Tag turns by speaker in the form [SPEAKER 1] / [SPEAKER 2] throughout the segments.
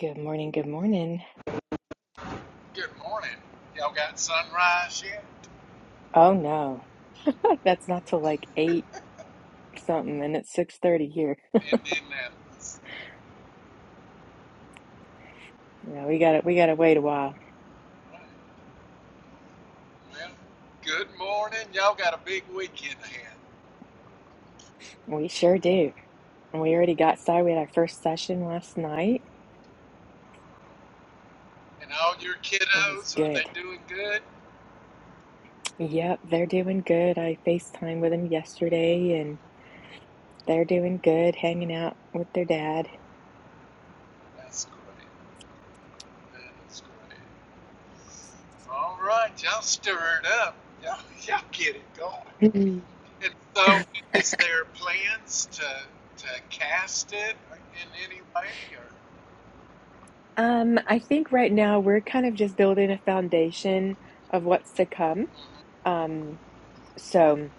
[SPEAKER 1] Good morning, good morning.
[SPEAKER 2] Good morning. Y'all got sunrise yet
[SPEAKER 1] Oh no. That's not till like eight something and it's six thirty here.
[SPEAKER 2] in Indianapolis?
[SPEAKER 1] Yeah, we gotta we gotta wait a while.
[SPEAKER 2] Right. Well, good morning. Y'all got a big weekend ahead.
[SPEAKER 1] We sure do. And we already got started. We had our first session last night.
[SPEAKER 2] And all your
[SPEAKER 1] It was
[SPEAKER 2] kiddos, are they
[SPEAKER 1] good.
[SPEAKER 2] doing good?
[SPEAKER 1] Yep, they're doing good. I FaceTime with them yesterday and they're doing good, hanging out with their dad.
[SPEAKER 2] That's great. That is great. All right, y'all stir it up. Y'all, y'all get it going.
[SPEAKER 1] Mhm.
[SPEAKER 2] And so, is there plans to to cast it in any way? Or
[SPEAKER 1] Um, I think right now we're kind of just building a foundation of what's to come.
[SPEAKER 2] Mhm.
[SPEAKER 1] Um, so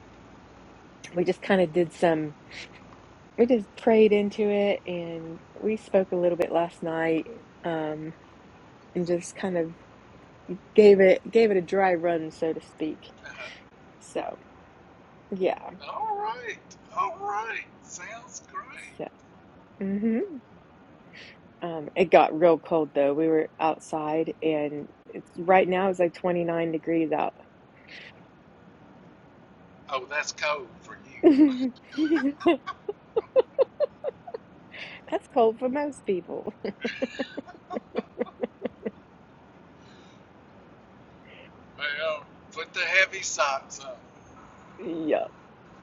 [SPEAKER 1] we just kind of did some. we just prayed into it and we spoke a little bit last night um and just kind of gave it gave it a dry run so to speak
[SPEAKER 2] Uh-huh.
[SPEAKER 1] so yeah
[SPEAKER 2] right, all right. Sounds great.
[SPEAKER 1] so hmm um it got real cold though we were outside and it's right now it's like 29 degrees out
[SPEAKER 2] Oh, that's code for you.
[SPEAKER 1] that's cold for most people
[SPEAKER 2] Well, put the heavy socks on.
[SPEAKER 1] yep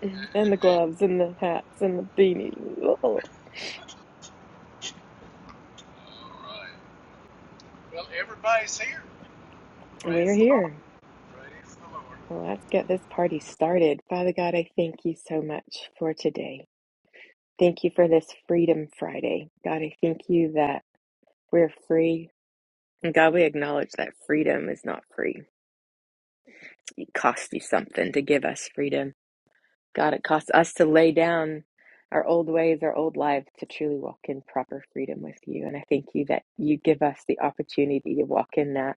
[SPEAKER 1] and the gloves and the hats and the beanie Oh,
[SPEAKER 2] all right. Well, everybody's here.
[SPEAKER 1] and we're
[SPEAKER 2] Praise the Lord.
[SPEAKER 1] here
[SPEAKER 2] Praise the Lord.
[SPEAKER 1] Well, let's get this party started. Father God, I thank you so much for today. Thank you for this Freedom Friday. God, I thank you that we're free. And God, we acknowledge that freedom is not free. It costs you something to give us freedom. God, it costs us to lay down our old ways, our old lives to truly walk in proper freedom with you. And I thank you that you give us the opportunity to walk in that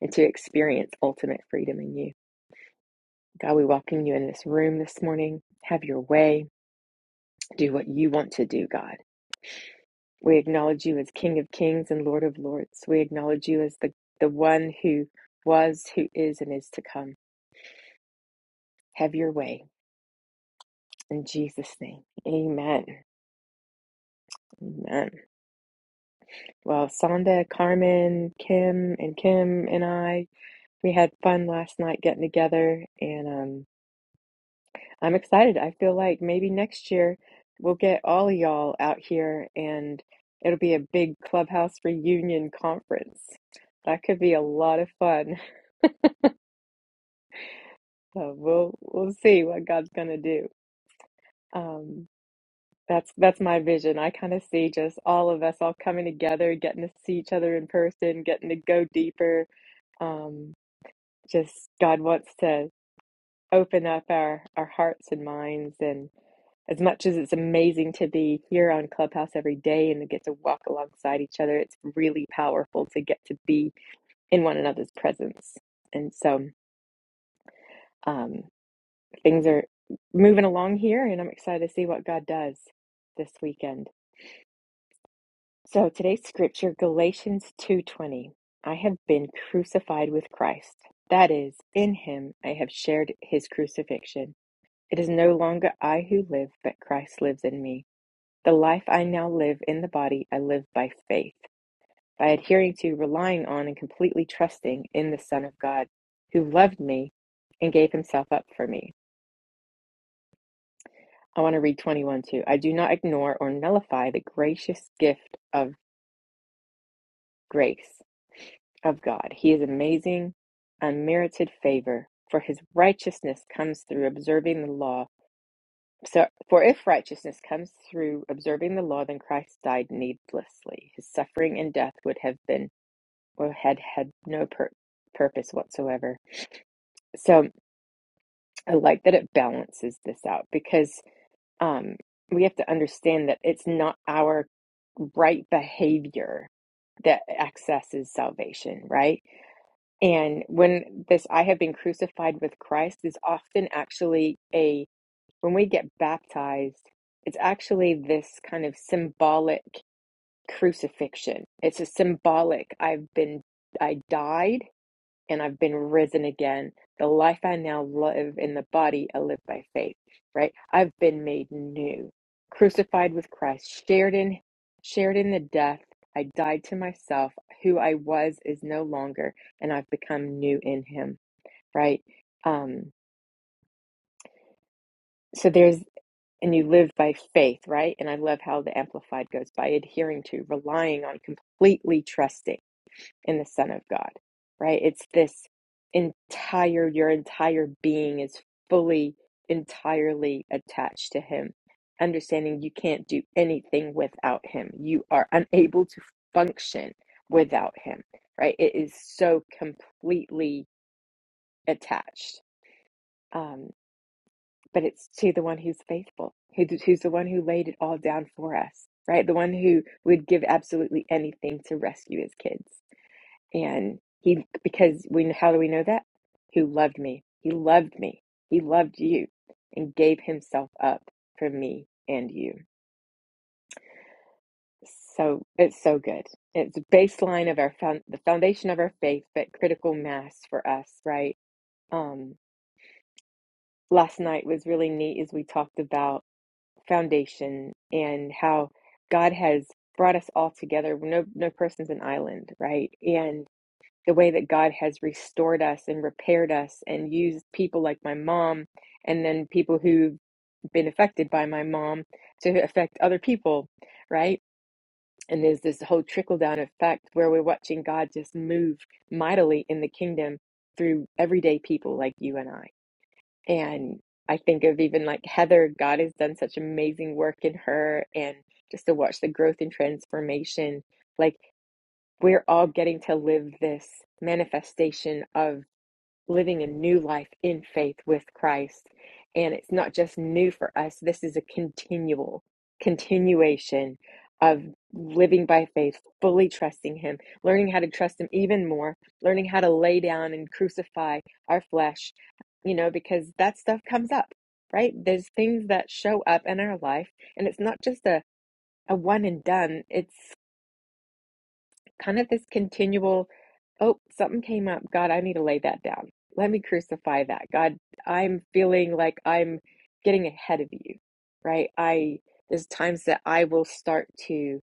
[SPEAKER 1] and to experience ultimate freedom in you. God, we welcome you in this room this morning. Have your way. Do what you want to do, God. We acknowledge you as King of Kings and Lord of Lords. We acknowledge you as the, the one who was, who is, and is to come. Have your way. In Jesus' name. Amen. Amen. Well, Sonda, Carmen, Kim, and Kim and I, we had fun last night getting together. And um, I'm excited. I feel like maybe next year we'll get all of y'all out here and it'll be a big clubhouse reunion conference. That could be a lot of fun. So we'll we'll see what God's gonna do. Um, that's that's my vision. I kind of see just all of us all coming together, getting to see each other in person, getting to go deeper. Um, just God wants to open up our our hearts and minds and. As much as it's amazing to be here on Clubhouse every day and to get to walk alongside each other, it's really powerful to get to be in one another's presence. And so um, things are moving along here, and I'm excited to see what God does this weekend. So today's scripture, Galatians 2:20. I have been crucified with Christ. That is, in him I have shared his crucifixion. It is no longer I who live, but Christ lives in me. The life I now live in the body, I live by faith, by adhering to, relying on, and completely trusting in the Son of God, who loved me and gave himself up for me. I want to read 21 too. I do not ignore or nullify the gracious gift of grace of God. He is amazing, unmerited favor, for his righteousness comes through observing the law. So, for if righteousness comes through observing the law, then Christ died needlessly. His suffering and death would have been or had had no pur- purpose whatsoever. So I like that it balances this out because um, we have to understand that it's not our right behavior that accesses salvation, right? And when this I have been crucified with Christ is often actually a, when we get baptized, it's actually this kind of symbolic crucifixion. It's a symbolic, I've been, I died and I've been risen again. The life I now live in the body, I live by faith, right? I've been made new, crucified with Christ, shared in shared in the death. I died to myself. Who I was is no longer, and I've become new in him, right? Um, so there's and you live by faith, right? And I love how the amplified goes by adhering to, relying on, completely trusting in the Son of God, right? It's this entire, your entire being is fully, entirely attached to Him. Understanding you can't do anything without Him, you are unable to function without Him, right? It is so completely attached. Um, but it's to the one who's faithful, who, who's the one who laid it all down for us, right? The one who would give absolutely anything to rescue his kids and he, because we, how do we know that? Who loved me? He loved me. He loved you and gave himself up for me and you. So it's so good. It's baseline of our found, the foundation of our faith, but critical mass for us, right? Um, last night was really neat as we talked about foundation and how God has brought us all together. No, no person's an island, right? And. the way that God has restored us and repaired us and used people like my mom and then people who've been affected by my mom to affect other people, right? And there's this whole trickle down effect where we're watching God just move mightily in the kingdom through everyday people like you and I. And I think of even like Heather, God has done such amazing work in her and just to watch the growth and transformation. Like we're all getting to live this manifestation of living a new life in faith with Christ. And it's not just new for us, this is a continual continuation of living by faith, fully trusting Him, learning how to trust Him even more, learning how to lay down and crucify our flesh, you know, because that stuff comes up, right? There's things that show up in our life, and it's not just a, a one and done. It's kind of this continual, oh, something came up. God, I need to lay that down. Let me crucify that. God, I'm feeling like I'm getting ahead of you, right? I, there's times that I will start to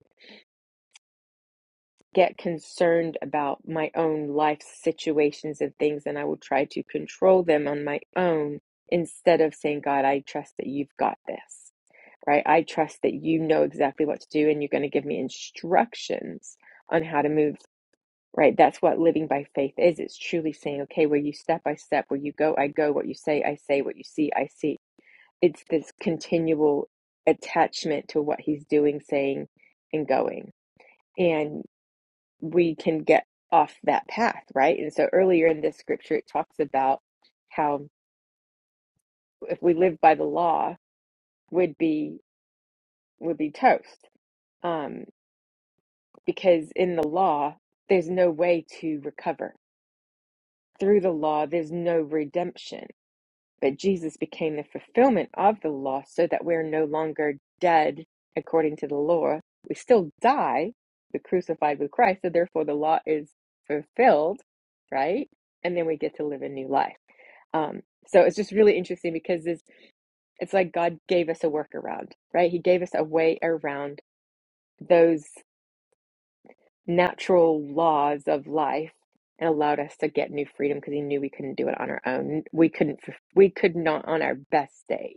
[SPEAKER 1] get concerned about my own life situations and things, and I will try to control them on my own instead of saying, God, I trust that you've got this, right? I trust that you know exactly what to do and you're going to give me instructions on how to move right? That's what living by faith is. It's truly saying, okay, where you step, I step, where you go, I go, what you say, I say, what you see, I see. It's this continual attachment to what he's doing, saying, and going. And we can get off that path, right? And so earlier in this scripture, it talks about how if we live by the law, would be would be toast, um, because in the law, there's no way to recover through the law. There's no redemption But Jesus became the fulfillment of the law so that we're no longer dead according to the law. We still die, we're crucified with Christ. So therefore, the law is fulfilled, right? And then we get to live a new life. Um, so it's just really interesting because it's, it's like God gave us a workaround, right? He gave us a way around those natural laws of life and allowed us to get new freedom because he knew we couldn't do it on our own. We couldn't, we could not on our best day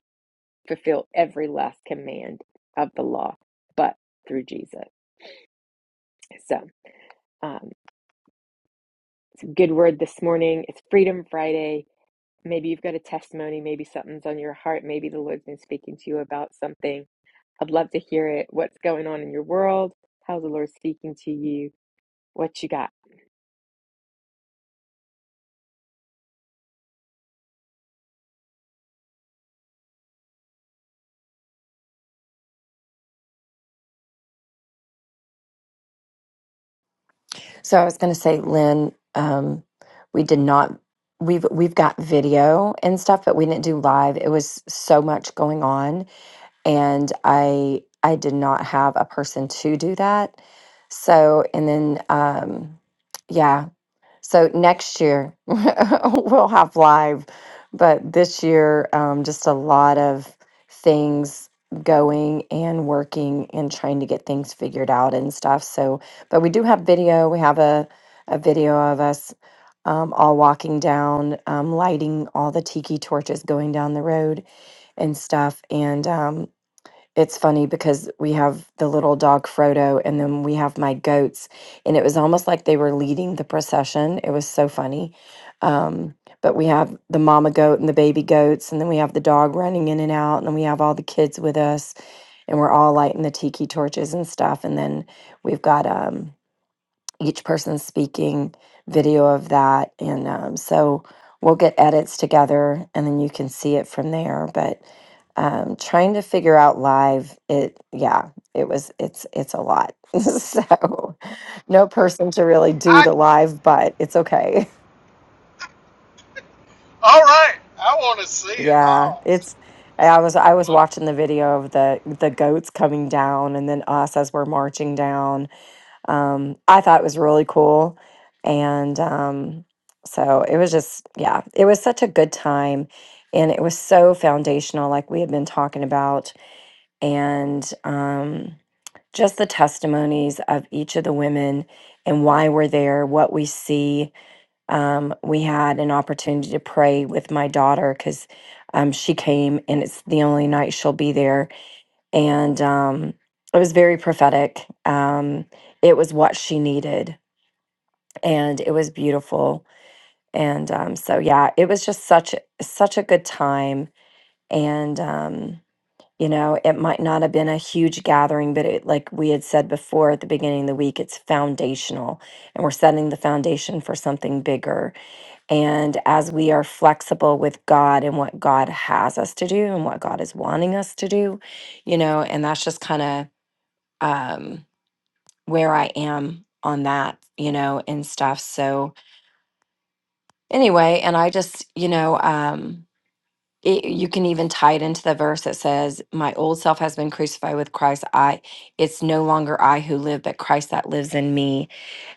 [SPEAKER 1] fulfill every last command of the law, but through Jesus. So, um, good word this morning. It's Freedom Friday. Maybe you've got a testimony. Maybe something's on your heart. Maybe the Lord's been speaking to you about something. I'd love to hear it. What's going on in your world? How's the Lord speaking to you? What you got?
[SPEAKER 3] So I was going to say, Lynn, um, we did not. We've we've got video and stuff, but we didn't do live. It was so much going on, and I I did not have a person to do that. So and then um, yeah, so next year we'll have live, but this year, um, just a lot of things going and working and trying to get things figured out and stuff. So, but we do have video. We have a, a video of us um, all walking down, um, lighting all the tiki torches going down the road and stuff. And, um, it's funny because we have the little dog Frodo and then we have my goats and it was almost like they were leading the procession. It was so funny. Um but we have the mama goat and the baby goats and then we have the dog running in and out and then we have all the kids with us and we're all lighting the tiki torches and stuff and then we've got um each person speaking video of that and um, so we'll get edits together and then you can see it from there but um, trying to figure out live it yeah it was it's it's a lot so no person to really do
[SPEAKER 2] I
[SPEAKER 3] the live but it's okay
[SPEAKER 2] all right. I want to see it
[SPEAKER 3] yeah
[SPEAKER 2] all.
[SPEAKER 3] it's
[SPEAKER 2] So,
[SPEAKER 3] i was i was watching the video of the the goats coming down and then us as we're marching down um, I thought it was really cool. And um, so it was just, yeah, it was such a good time. And it was so foundational, like we had been talking about. And um, just the testimonies of each of the women and why we're there, what we see. Um, we had an opportunity to pray with my daughter because um, she came and it's the only night she'll be there. And um, it was very prophetic. Um, it was what she needed and it was beautiful. And um, so yeah, it was just such such a good time. And um, you know, it might not have been a huge gathering, but it, like we had said before at the beginning of the week, it's foundational, and we're setting the foundation for something bigger. And as we are flexible with God and what God has us to do and what God is wanting us to do, you know, and that's just kind of um, where I am on that, you know, and stuff. So anyway and i just you know um it, you can even tie it into the verse that says my old self has been crucified with christ i it's no longer i who live but christ that lives in me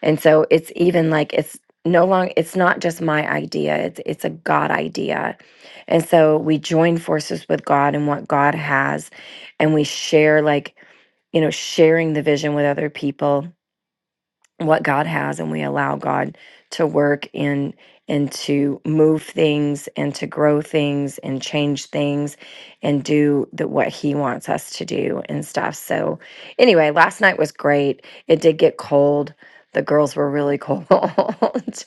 [SPEAKER 3] and so it's even like it's no long it's not just my idea it's it's a god idea and so we join forces with god and what god has and we share like you know sharing the vision with other people what God has and we allow God to work in and to move things and to grow things and change things and do the what he wants us to do and stuff. So anyway, last night was great. It did get cold. The girls were really cold.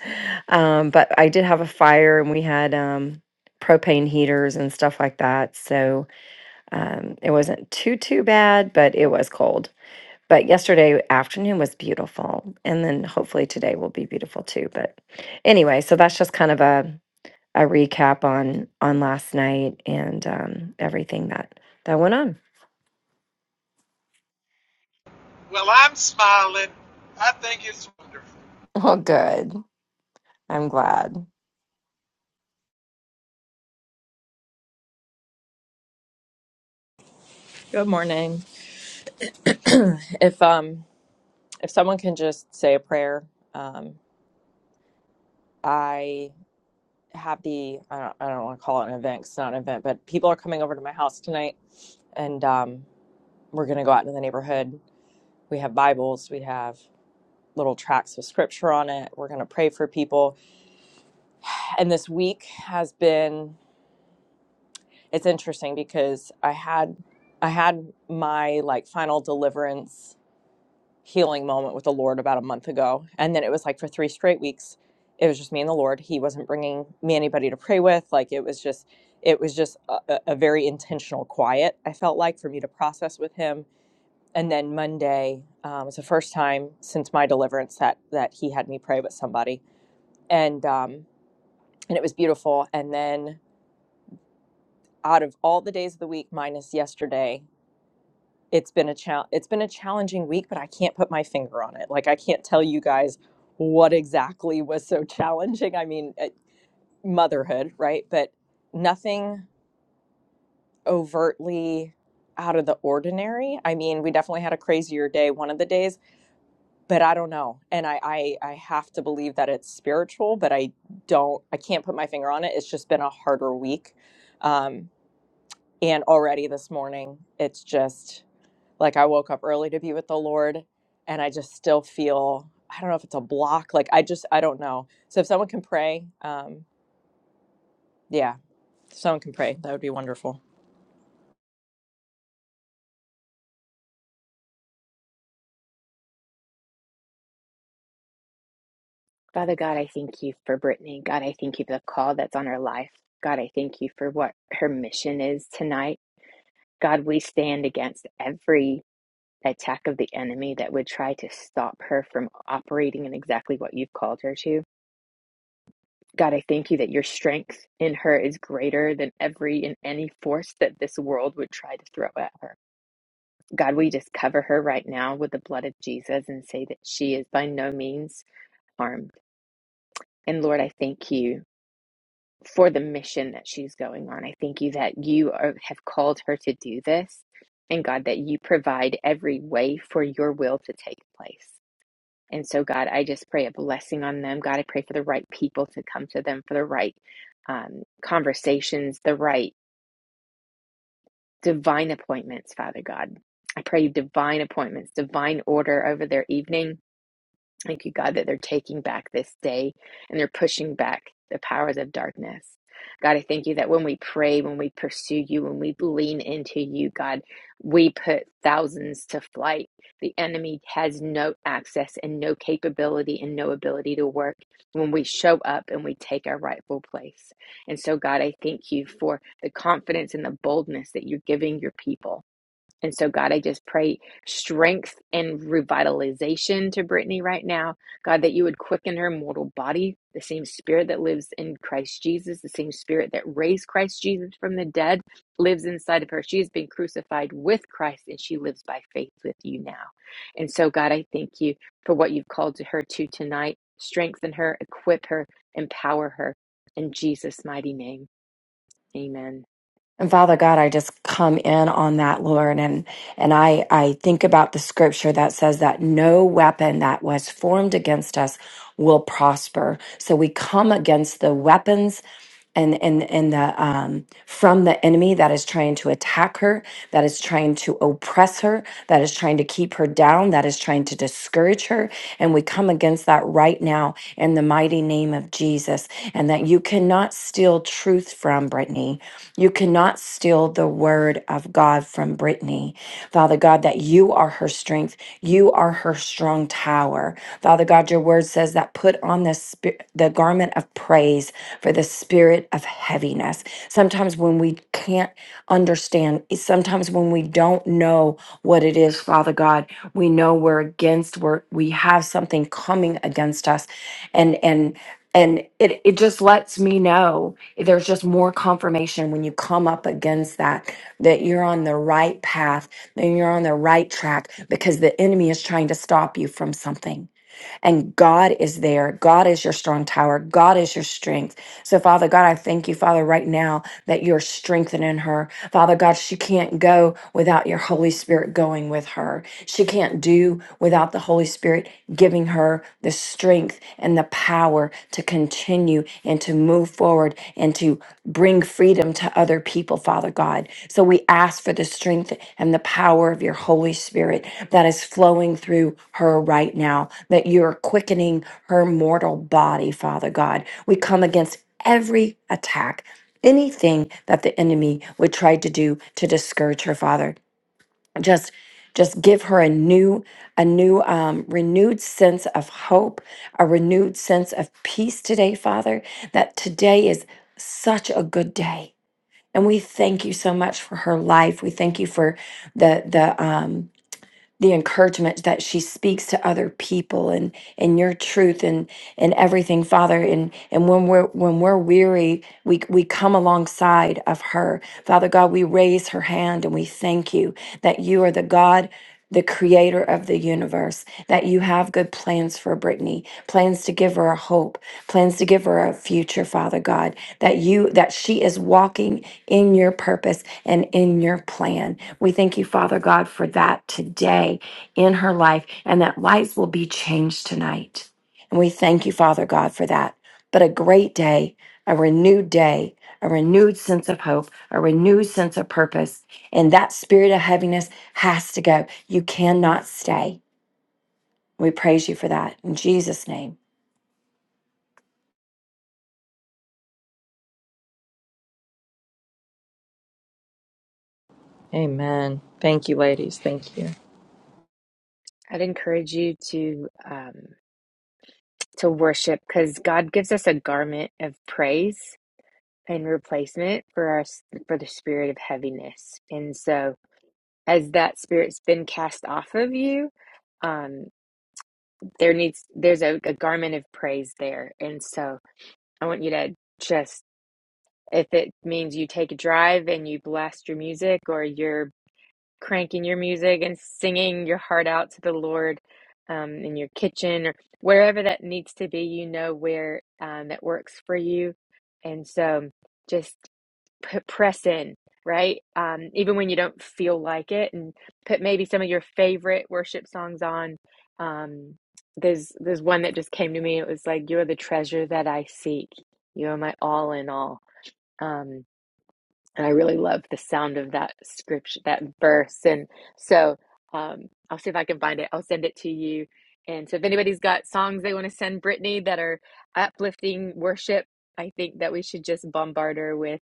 [SPEAKER 3] um, but I did have a fire and we had um propane heaters and stuff like that. So um it wasn't too too bad, but it was cold. But yesterday afternoon was beautiful. And then hopefully today will be beautiful too. But anyway, so that's just kind of a, a recap on on last night and um, everything that that went on.
[SPEAKER 2] well, I'm smiling. I think it's wonderful.
[SPEAKER 3] Well, good. I'm glad.
[SPEAKER 4] Good morning. if um if someone can just say a prayer, um I have the I don't I don't want to call it an event 'cause it's not an event, but people are coming over to my house tonight, and um we're gonna go out into the neighborhood. We have Bibles, we have little tracts with scripture on it. We're gonna pray for people, and this week has been it's interesting because I had I had my like final deliverance healing moment with the Lord about a month ago. And then it was like for three straight weeks, it was just me and the Lord. He wasn't bringing me anybody to pray with. Like it was just, it was just a, a very intentional quiet, I felt like, for me to process with Him. And then Monday um, was the first time since my deliverance that, that He had me pray with somebody. And, um, and it was beautiful. And then out of all the days of the week, minus yesterday, it's been a chal- it's been a challenging week but i can't put my finger on it like i can't tell you guys what exactly was so challenging i mean uh, motherhood right but nothing overtly out of the ordinary i mean we definitely had a crazier day one of the days but i don't know and i i, I have to believe that it's spiritual but i don't i can't put my finger on it it's just been a harder week um and already this morning it's just Like I woke up early to be with the Lord and I just still feel, I don't know if it's a block. Like I just, I don't know. So if someone can pray, um, yeah, if someone can pray. That would be wonderful.
[SPEAKER 1] Father God, I thank you for Brittany. God, I thank you for the call that's on her life. God, I thank you for what her mission is tonight. God, we stand against every attack of the enemy that would try to stop her from operating in exactly what you've called her to. God, I thank you that your strength in her is greater than every and any force that this world would try to throw at her. God, we just cover her right now with the blood of Jesus and say that she is by no means harmed. And Lord, I thank you for the mission that she's going on. I thank you that you are, have called her to do this. And God, that you provide every way for your will to take place. And so, God, I just pray a blessing on them. God, I pray for the right people to come to them, for the right um, conversations, the right divine appointments, Father God. I pray divine appointments, divine order over their evening Thank you, God, that they're taking back this day and they're pushing back the powers of darkness. God, I thank you that when we pray, when we pursue you, when we lean into you, God, we put thousands to flight. The enemy has no access and no capability and no ability to work when we show up and we take our rightful place. And so, God, I thank you for the confidence and the boldness that you're giving your people and so, God, I just pray strength and revitalization to Brittany right now. God, that you would quicken her mortal body, the same spirit that lives in Christ Jesus, the same spirit that raised Christ Jesus from the dead lives inside of her. She has been crucified with Christ and she lives by faith with you now. And so, God, I thank you for what you've called to her to tonight. Strengthen her, equip her, empower her. In Jesus' mighty name, amen.
[SPEAKER 3] And Father God, I just come in on that, Lord, and and I I think about the scripture that says that no weapon that was formed against us will prosper. So we come against the weapons and and and the um from the enemy that is trying to attack her, that is trying to oppress her, that is trying to keep her down, that is trying to discourage her, and we come against that right now in the mighty name of Jesus. And that you cannot steal truth from Brittany. You cannot steal the word of God from Brittany. Father God, that you are her strength. You are her strong tower. Father God, your word says that put on the, spirit, the garment of praise for the spirit of heaviness. Sometimes when we can't understand, sometimes when we don't know what it is, Father God, we know we're against, we're, we have something coming against us. And, and, and it, it just lets me know there's just more confirmation when you come up against that that you're on the right path and you're on the right track because the enemy is trying to stop you from something and god is there god is your strong tower god is your strength so father god i thank you father right now that you're strengthening her father god she can't go without your holy spirit going with her she can't do without the holy spirit giving her the strength and the power to continue and to move forward and to bring freedom to other people, Father God. So we ask for the strength and the power of your Holy Spirit that is flowing through her right now, that you're quickening her mortal body, Father God. We come against every attack. Anything that the enemy would try to do to discourage her, Father just just give her a new a new um, renewed sense of hope a renewed sense of peace today father that today is such a good day and we thank you so much for her life we thank you for the the um, the encouragement that she speaks to other people and and your truth and and everything father and and when we're when we're weary we we come alongside of her father god we raise her hand and we thank you that you are the god the creator of the universe, that you have good plans for Brittany, plans to give her a hope, plans to give her a future, Father God, that you that she is walking in your purpose and in your plan. We thank you, Father God, for that today in her life and that lives will be changed tonight. And we thank you, Father God, for that. But a great day, a renewed day, a renewed sense of hope, a renewed sense of purpose. And that spirit of heaviness has to go. You cannot stay. We praise you for that. In Jesus' name.
[SPEAKER 4] Amen. Thank you, ladies. Thank you.
[SPEAKER 1] I'd encourage you to. Um, to worship because God gives us a garment of praise and replacement for our for the spirit of heaviness. And so as that spirit's been cast off of you, um there needs there's a, a garment of praise there. And so I want you to just if it means you take a drive and you blast your music or you're cranking your music and singing your heart out to the Lord um, in your kitchen or wherever that needs to be. You know where um, that works for you. And so just put, press in, right? Um, even when you don't feel like it, and put maybe some of your favorite worship songs on. Um, there's there's one that just came to me. It was like, "You're the treasure that I seek. You are my all in all." Um, and I really love the sound of that scripture, that verse. And so um, I'll see if I can find it. I'll send it to you. And so if anybody's got songs they want to send Brittany that are uplifting worship, I think that we should just bombard her with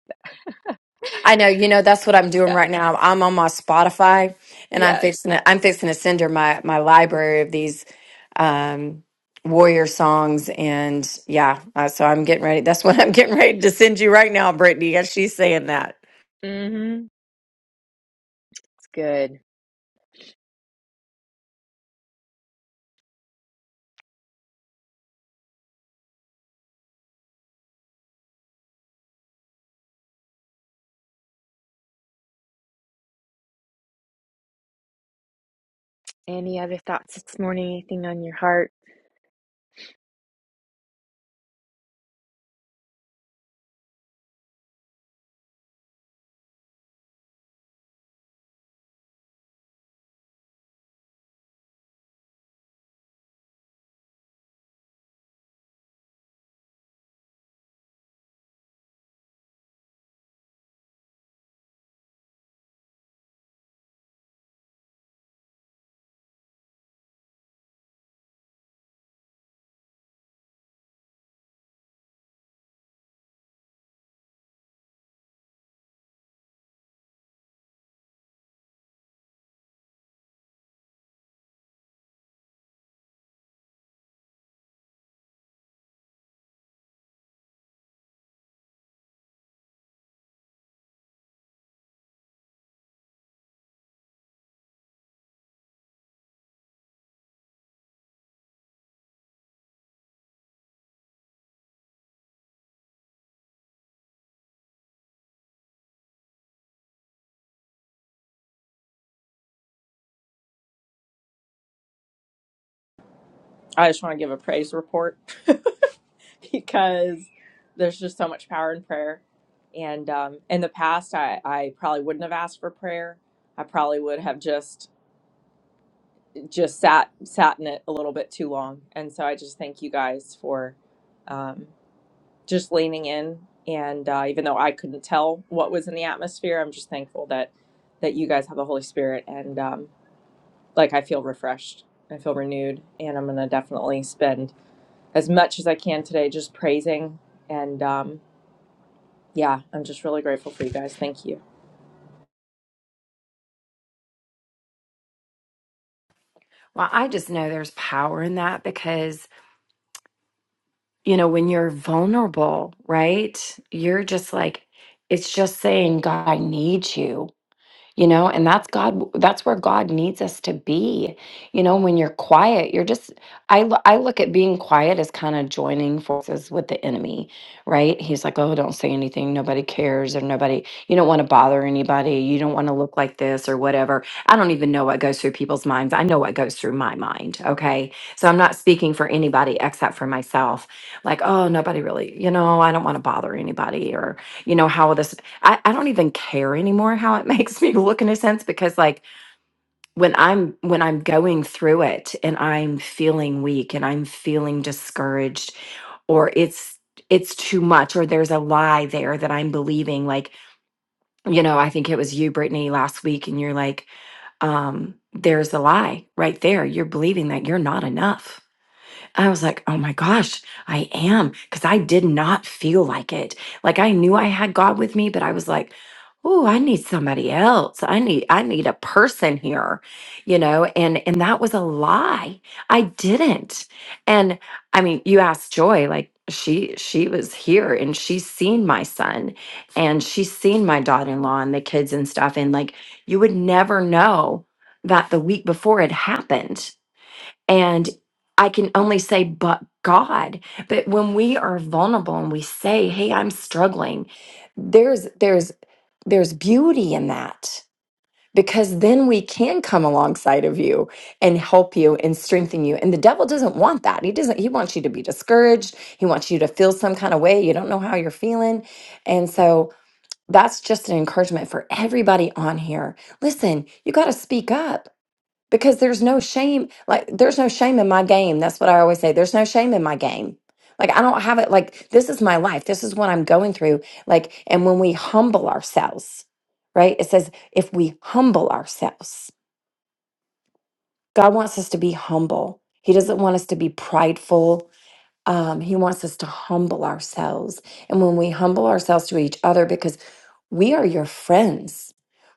[SPEAKER 3] I know, you know, that's what I'm doing
[SPEAKER 1] yes,
[SPEAKER 3] right now. I'm on my Spotify and I'm
[SPEAKER 1] yes.
[SPEAKER 3] fixing to, I'm fixing to send her my my library of these um warrior songs and yeah, uh, so I'm getting ready. That's what I'm getting ready to send you right now, Brittany, as she's saying that.
[SPEAKER 1] Mm-hmm. It's good. Any other thoughts this morning? Anything on your heart?
[SPEAKER 4] I just want to give a praise report because there's just so much power in prayer. And um, in the past, I, I probably wouldn't have asked for prayer. I probably would have just just sat sat in it a little bit too long. And so I just thank you guys for um, just leaning in and uh, even though i couldn't tell what was in the atmosphere i'm just thankful that that you guys have the holy spirit and um, like i feel refreshed i feel renewed and i'm gonna definitely spend as much as i can today just praising and um, yeah i'm just really grateful for you guys thank you
[SPEAKER 3] Well, I just know there's power in that because you know, when you're vulnerable, right? You're just like it's just saying, God, I need you. you know and that's god that's where god needs us to be you know when you're quiet you're just i lo- i look at being quiet as kind of joining forces with the enemy right he's like oh don't say anything nobody cares or nobody you don't want to bother anybody you don't want to look like this or whatever i don't even know what goes through people's minds i know what goes through my mind okay so i'm not speaking for anybody except for myself like oh nobody really you know i don't want to bother anybody or you know how will this I, I don't even care anymore how it makes me look in a sense because like when I'm when I'm going through it and I'm feeling weak and I'm feeling discouraged or it's it's too much or there's a lie there that I'm believing like you know I think it was you Brittany last week and you're like um there's a lie right there you're believing that you're not enough I was like, oh my gosh, I am. Because I did not feel like it. Like I knew I had God with me, but I was like, oh, I need somebody else. I need, I need a person here, you know, and, and that was a lie. I didn't. And I mean, you asked Joy, like she, she was here and she's seen my son and she's seen my daughter-in-law and the kids and stuff. And like, you would never know that the week before it happened and I can only say, but God. But when we are vulnerable and we say, hey, I'm struggling, there's there's there's beauty in that because then we can come alongside of you and help you and strengthen you. And the devil doesn't want that. He doesn't he wants you to be discouraged. He wants you to feel some kind of way. You don't know how you're feeling. And so that's just an encouragement for everybody on here. Listen, you got to speak up because there's no shame like there's no shame in my game that's what i always say there's no shame in my game like i don't have it like this is my life this is what i'm going through like and when we humble ourselves right it says if we humble ourselves god wants us to be humble he doesn't want us to be prideful um, he wants us to humble ourselves and when we humble ourselves to each other because we are your friends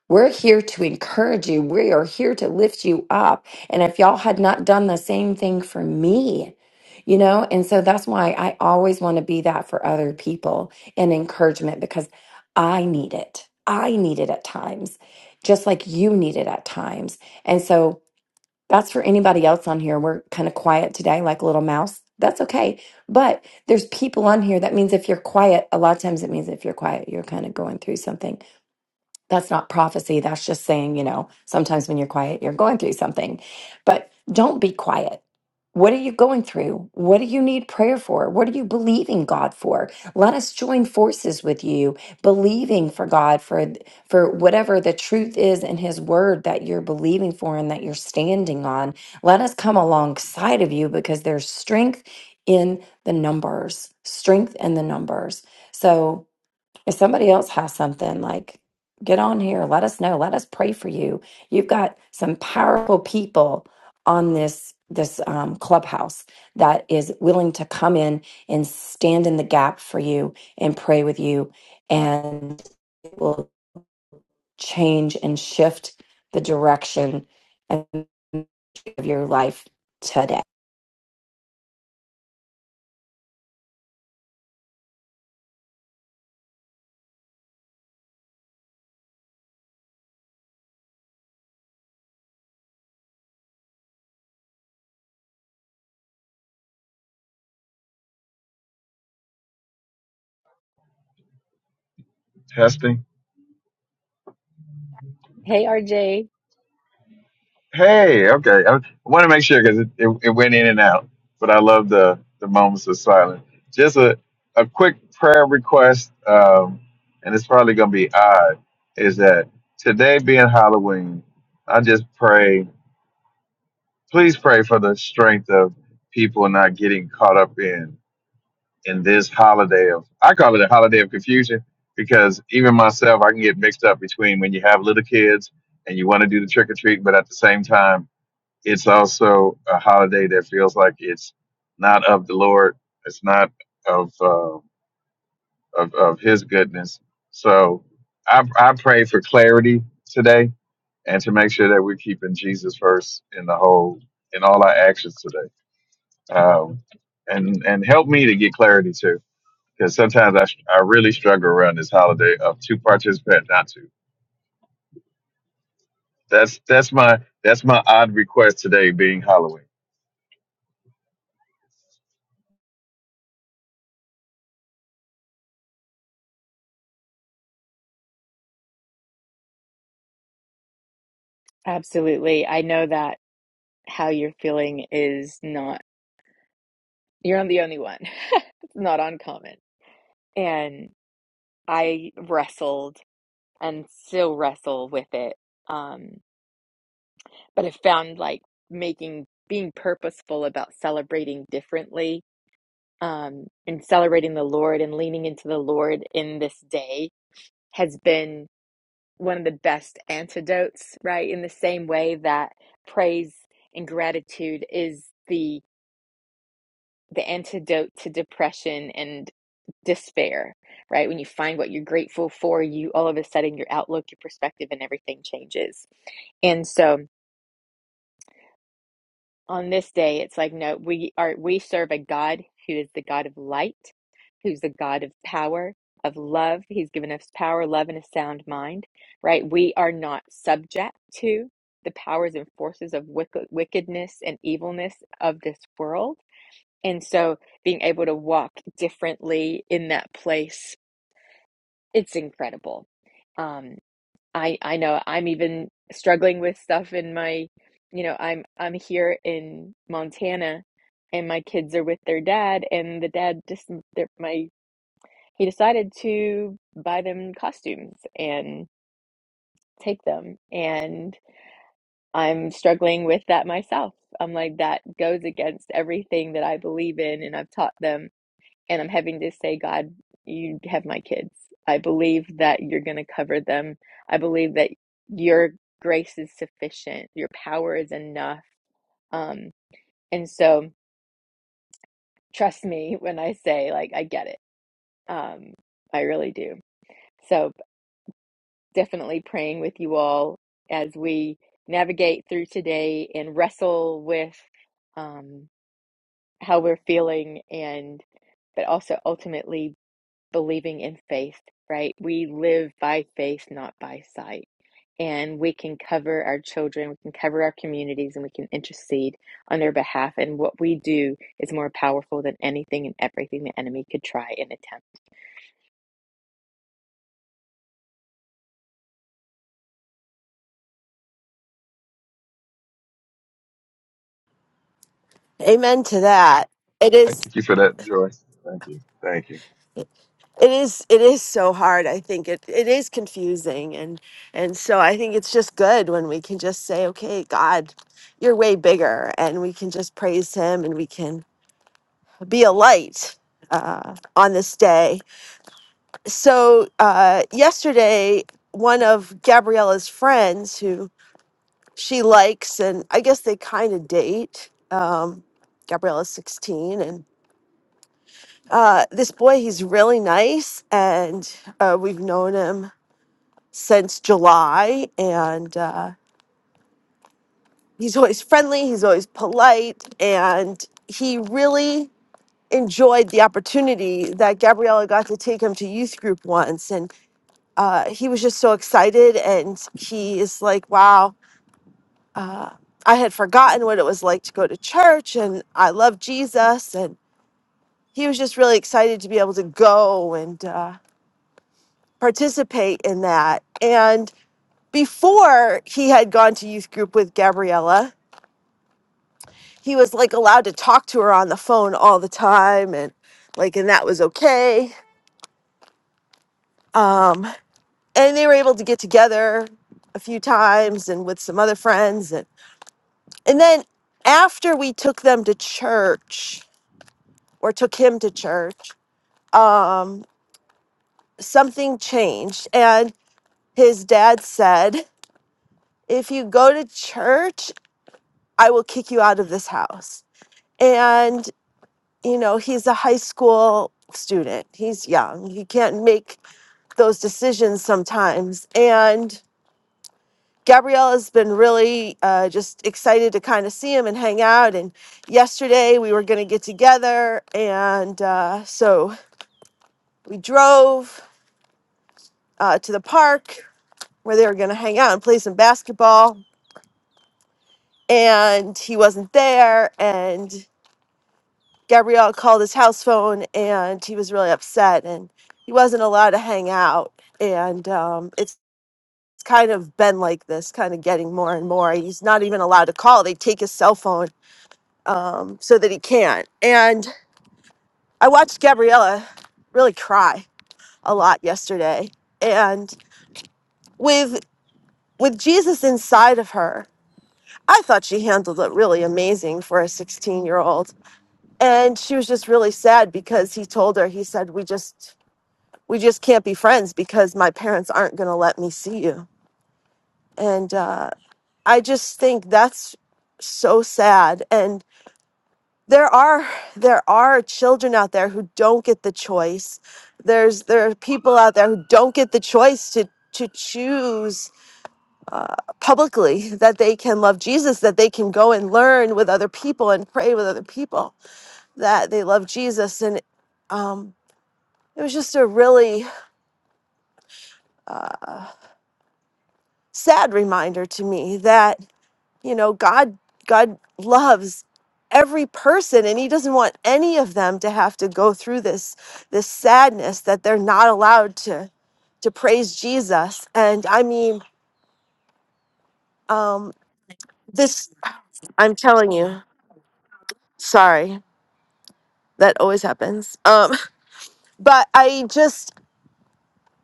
[SPEAKER 3] we're here to encourage you. We are here to lift you up. And if y'all had not done the same thing for me, you know, and so that's why I always want to be that for other people and encouragement because I need it. I need it at times, just like you need it at times. And so that's for anybody else on here. We're kind of quiet today, like a little mouse. That's okay. But there's people on here. That means if you're quiet, a lot of times it means if you're quiet, you're kind of going through something that's not prophecy. That's just saying, you know, sometimes when you're quiet, you're going through something. But don't be quiet. What are you going through? What do you need prayer for? What are you believing God for? Let us join forces with you, believing for God for for whatever the truth is in his word that you're believing for and that you're standing on. Let us come alongside of you because there's strength in the numbers. Strength in the numbers. So if somebody else has something, like get on here, let us know, let us pray for you. You've got some powerful people on this this um, clubhouse that is willing to come in and stand in the gap for you and pray with you, and it will change and shift the direction and of your life today.
[SPEAKER 5] Testing.
[SPEAKER 1] Hey, RJ.
[SPEAKER 5] Hey, okay. okay. I want to make sure because it, it, it went in and out, but I love the, the moments of silence. Just a, a quick prayer request, um, and it's probably going to be odd, is that today being Halloween, I just pray, please pray for the strength of people not getting caught up in in this holiday of, I call it a holiday of confusion because even myself, I can get mixed up between when you have little kids and you want to do the trick or treat, but at the same time, It's also a holiday that feels like it's not of the Lord. It's not of uh, of, of His goodness. So I, I pray for clarity today and to make sure that we're keeping Jesus first in the whole in all our actions today. Um, and and help me to get clarity too, because sometimes I I really struggle around this holiday of to participate, not to. That's that's my that's my odd request today, being Halloween.
[SPEAKER 1] Absolutely. I know that how you're feeling is not, you're not the only one. It's not uncommon. And I wrestled and still wrestle with it. Um, but I found like making being purposeful about celebrating differently um, and celebrating the Lord and leaning into the Lord in this day has been one of the best antidotes, right? In the same way that praise and gratitude is the the antidote to depression and despair, right? When you find what you're grateful for, you all of a sudden your outlook, your perspective, and everything changes. And so, on this day it's like no we are we serve a god who is the god of light who's the god of power of love he's given us power love and a sound mind right we are not subject to the powers and forces of wick wickedness and evilness of this world and so being able to walk differently in that place it's incredible Um, I I know I'm even struggling with stuff in my, you know, I'm I'm here in Montana and my kids are with their dad and the dad just my he decided to buy them costumes and take them and I'm struggling with that myself. I'm like that goes against everything that I believe in and I've taught them and I'm having to say, God, you have my kids. I believe that you're going to cover them. I believe that your grace is sufficient, your power is enough. Um, and so, trust me when I say, like, I get it. Um, I really do. So, definitely praying with you all as we navigate through today and wrestle with um, how we're feeling and but also ultimately believing in faith, right? We live by faith, not by sight. And we can cover our children, we can cover our communities, and we can intercede on their behalf. And what we do is more powerful than anything and everything the enemy could try and attempt.
[SPEAKER 6] Amen to that. It is
[SPEAKER 5] Thank you for that, Joy. Thank you. Thank you.
[SPEAKER 6] it is it is so hard. I think it it is confusing and and so I think it's just good when we can just say, "Okay, God, you're way bigger." And we can just praise him and we can be a light uh on this day. So, uh yesterday one of Gabriella's friends who she likes and I guess they kind of date um Gabriella's 16 and Uh, this boy, he's really nice, and uh, we've known him since July, and uh, he's always friendly, he's always polite, and he really enjoyed the opportunity that Gabriella got to take him to youth group once, and uh, he was just so excited, and he is like, wow. Uh, I had forgotten what it was like to go to church, and I love Jesus, and he was just really excited to be able to go and. Uh, participate in that. And before he had gone to youth group with Gabriella, he was like allowed to talk to her on the phone all the time and like and that was okay. Um and they were able to get together a few times and with some other friends and and then after we took them to church or took him to church, um something changed and his dad said, "If you go to church, I will kick you out of this house. And, you know, he's a high school student. He's young. He can't make those decisions sometimes. And Gabrielle has been really uh, just excited to kind of see him and hang out. And yesterday we were going to get together. And uh, so we drove uh, to the park where they were going to hang out and play some basketball. And he wasn't there. And. Gabrielle called his house phone and he was really upset and he wasn't allowed to hang out. And um, it's kind of been like this, kind of getting more and more. He's not even allowed to call. They take his cell phone um, so that he can't. And I watched Gabriella really cry a lot yesterday. And with with Jesus inside of her, I thought she handled it really amazing for a 16 year old. And she was just really sad because he told her, he said, we just we just can't be friends because my parents aren't going to let me see you. And uh, I just think that's so sad. And there are there are children out there who don't get the choice. There's there are people out there who don't get the choice to to choose publicly that they can love Jesus, that they can go and learn with other people and pray with other people that they love Jesus. And um, it was just a really uh, sad reminder to me that. you know god god loves every person and he doesn't want any of them to have to go through this this sadness that they're not allowed to to praise jesus and i mean um this i'm telling you sorry that always happens um but i just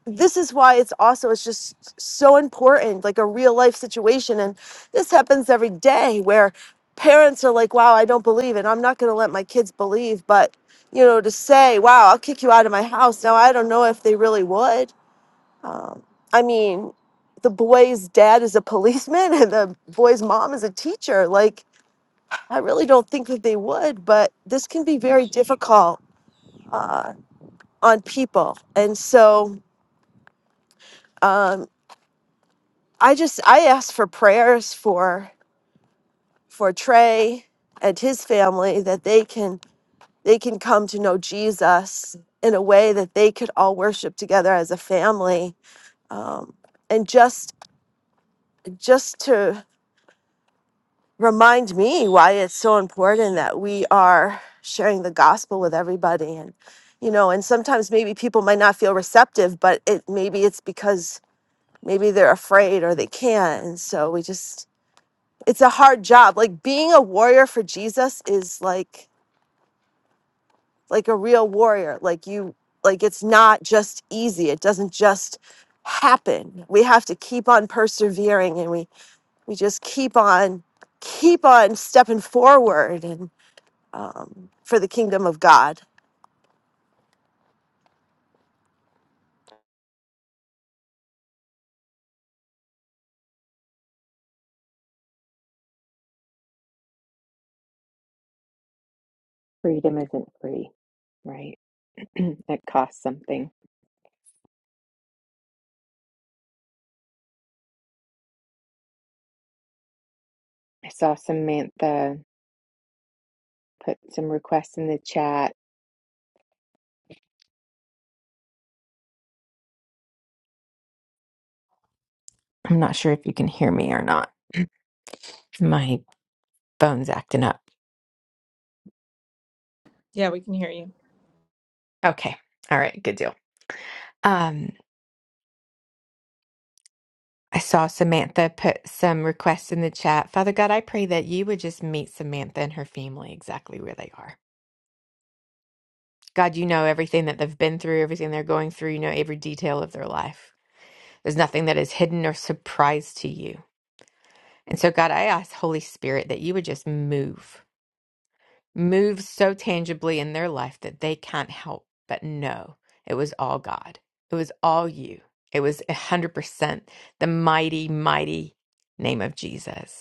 [SPEAKER 6] this is why it's also it's just so important like a real life situation and this happens every day where parents are like wow i don't believe and i'm not going to let my kids believe but you know to say wow i'll kick you out of my house now i don't know if they really would um, i mean the boy's dad is a policeman and the boy's mom is a teacher like i really don't think that they would but this can be very difficult uh, on people and so um, I just I ask for prayers for for Trey and his family that they can they can come to know Jesus in a way that they could all worship together as a family, um, and just just to remind me why it's so important that we are sharing the gospel with everybody and you know and sometimes maybe people might not feel receptive but it maybe it's because maybe they're afraid or they can't and so we just it's a hard job. Like being a warrior for Jesus is like like a real warrior. Like you like it's not just easy. It doesn't just happen. We have to keep on persevering and we we just keep on keep on stepping forward and um, for the kingdom of God.
[SPEAKER 1] Freedom isn't free, right? it costs something. I saw Samantha put some requests in the chat. I'm not sure if you can hear me or not. My phone's acting up.
[SPEAKER 4] yeah we can hear you
[SPEAKER 1] Okay. All right. Good deal. Um. I saw Samantha put some requests in the chat. Father God, I pray that you would just meet Samantha and her family exactly where they are. God, you know everything that they've been through, everything they're going through. You know every detail of their life. There's nothing that is hidden or surprise to you. And so, God, I ask, Holy Spirit, that you would just move, move so tangibly in their life that they can't help but know it was all God. It was all you. It was 100% the mighty, mighty name of Jesus.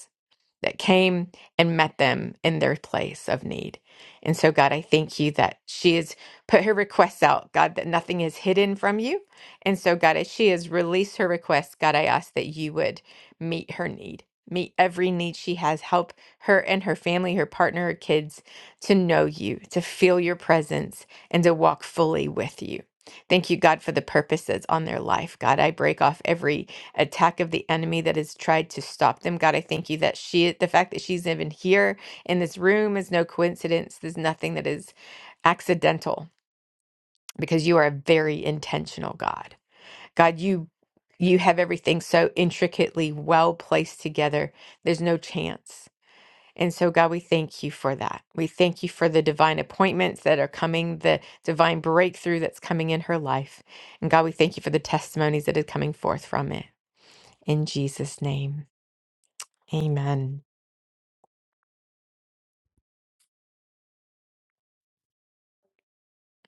[SPEAKER 1] that came and met them in their place of need. And so, God, I thank you that she has put her requests out, God, that nothing is hidden from you. And so, God, as she has released her requests, God, I ask that you would meet her need, meet every need she has, help her and her family, her partner, her kids to know you, to feel your presence, and to walk fully with you. Thank you, God, for the purposes on their life. God, I break off every attack of the enemy that has tried to stop them. God, I thank you that she, the fact that she's even here in this room is no coincidence. There's nothing that is accidental because you are a very intentional God. God, you you have everything so intricately well placed together. There's no chance. And so God, we thank you for that. We thank you for the divine appointments that are coming, the divine breakthrough that's coming in her life. And God, we thank you for the testimonies that are coming forth from it. In Jesus' name. Amen.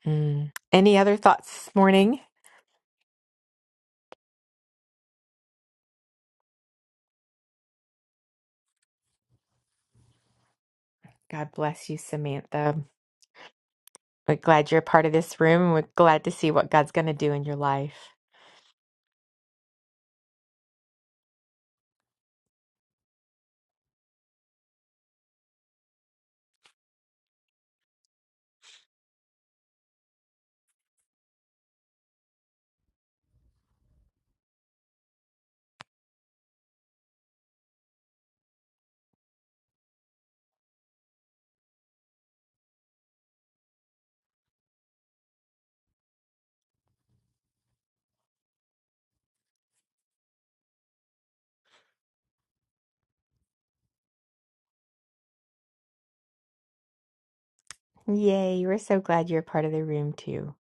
[SPEAKER 1] Mm. Any other thoughts this morning? God bless you, Samantha. We're glad you're a part of this room. and We're glad to see what God's going to do in your life. Yay. We're so glad you're a part of the room, too.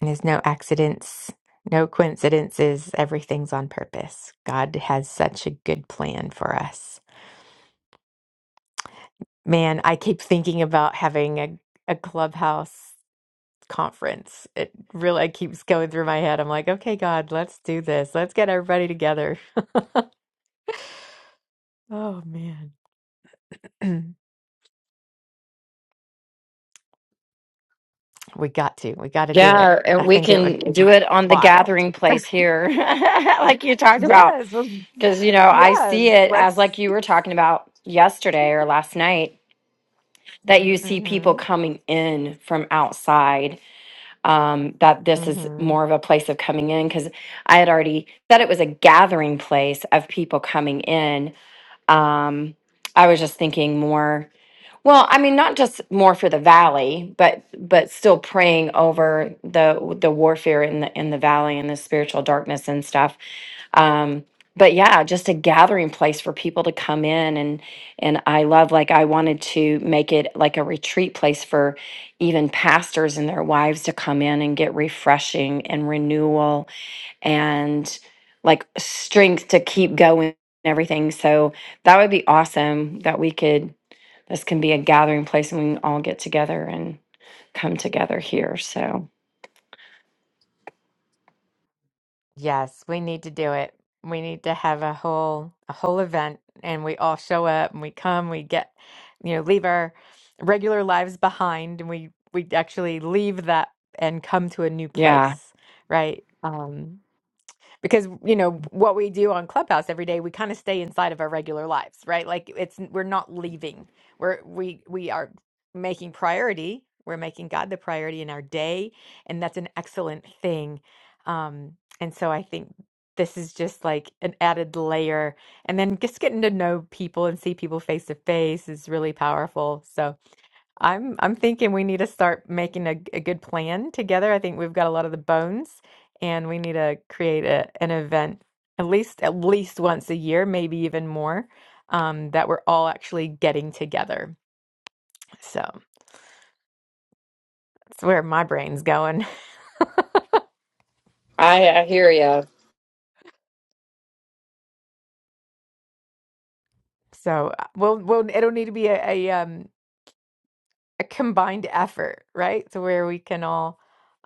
[SPEAKER 1] And there's no accidents, no coincidences. Everything's on purpose. God has such a good plan for us. Man, I keep thinking about having a, a clubhouse conference. It really keeps going through my head. I'm like, okay, God, let's do this. Let's get everybody together Oh man. We got to. We got to do it.
[SPEAKER 3] Yeah, and
[SPEAKER 1] I
[SPEAKER 3] we
[SPEAKER 1] think it would
[SPEAKER 3] can
[SPEAKER 1] be
[SPEAKER 3] do it on the
[SPEAKER 1] wild.
[SPEAKER 3] gathering place here, like you talked about.
[SPEAKER 1] Yes. um,
[SPEAKER 3] Because, you know, I see
[SPEAKER 1] Yes.
[SPEAKER 3] it as
[SPEAKER 1] Let's.
[SPEAKER 3] like you were talking about yesterday or last night, that you see people
[SPEAKER 1] Mm-hmm.
[SPEAKER 3] coming in from outside, um, that this is
[SPEAKER 1] Mm-hmm.
[SPEAKER 3] more of a place of coming in. Because I had already said it was a gathering place of people coming in. Um, I was just thinking more. Well, I mean, not just more for the valley, but but still praying over the the warfare in the in the valley and the spiritual darkness and stuff. Um, but yeah, just a gathering place for people to come in and and I love like I wanted to make it like a retreat place for even pastors and their wives to come in and get refreshing and renewal and like strength to keep going and everything. So that would be awesome that we could this can be a gathering place and we can all get together and come together here. So,
[SPEAKER 1] Yes, we need to do it. We need to have a whole a whole event and we all show up and we come, we get, you know, leave our regular lives behind and we we actually leave that and come to a new
[SPEAKER 3] yeah,
[SPEAKER 1] place, right? Um. because you know what we do on clubhouse every day we kind of stay inside of our regular lives right like it's we're not leaving we're we we are making priority we're making god the priority in our day and that's an excellent thing um and so i think this is just like an added layer and then just getting to know people and see people face to face is really powerful So. I'm I'm thinking we need to start making a, g- a good plan together. I think we've got a lot of the bones, and we need to create a, an event at least at least once a year, maybe even more, um, that we're all actually getting together. So that's where my brain's going.
[SPEAKER 3] I, I hear you.
[SPEAKER 1] So uh, we'll we'll it'll need to be a, a um a combined effort, right? So where we can all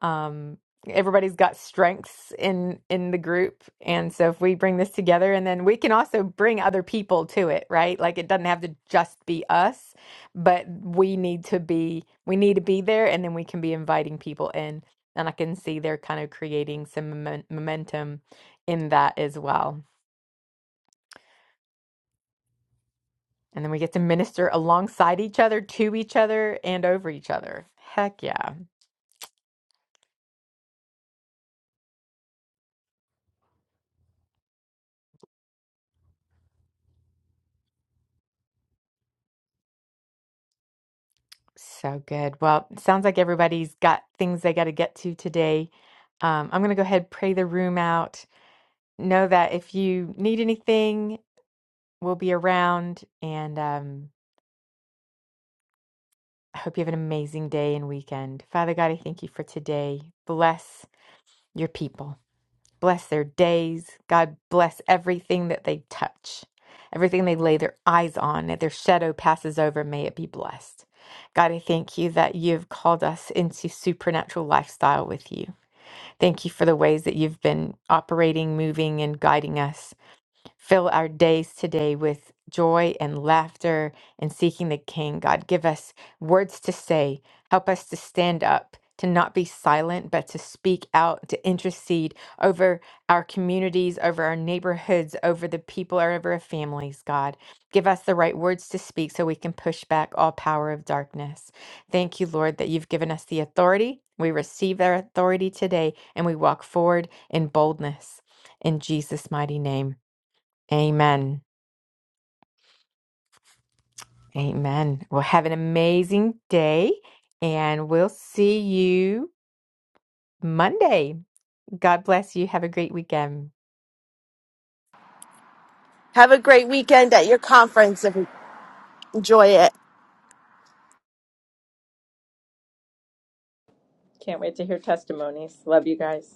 [SPEAKER 1] um everybody's got strengths in in the group and so if we bring this together and then we can also bring other people to it right like it doesn't have to just be us but we need to be we need to be there and then we can be inviting people in and i can see they're kind of creating some momen- momentum in that as well and then we get to minister alongside each other to each other and over each other heck yeah So good. Well, it sounds like everybody's got things they got to get to today. Um, I'm going to go ahead and pray the room out. Know that if you need anything, we'll be around. And um, I hope you have an amazing day and weekend. Father God, I thank you for today. Bless your people. bless their days. God bless everything that they touch, everything they lay their eyes on, that their shadow passes over. May it be blessed. God, I thank you that you've called us into supernatural lifestyle with you. Thank you for the ways that you've been operating, moving, and guiding us. Fill our days today with joy and laughter and seeking the King. God, give us words to say. Help us to stand up, to not be silent, but to speak out, to intercede over our communities, over our neighborhoods, over the people, or over our families, God. Give us the right words to speak so we can push back all power of darkness. Thank you, Lord, that you've given us the authority. We receive our authority today and we walk forward in boldness. In Jesus' mighty name. Amen. Amen. Well, have an amazing day and we'll see you Monday. God bless you. Have a great weekend.
[SPEAKER 6] Have a great weekend at your conference and enjoy it.
[SPEAKER 4] can't wait to hear testimonies love you guys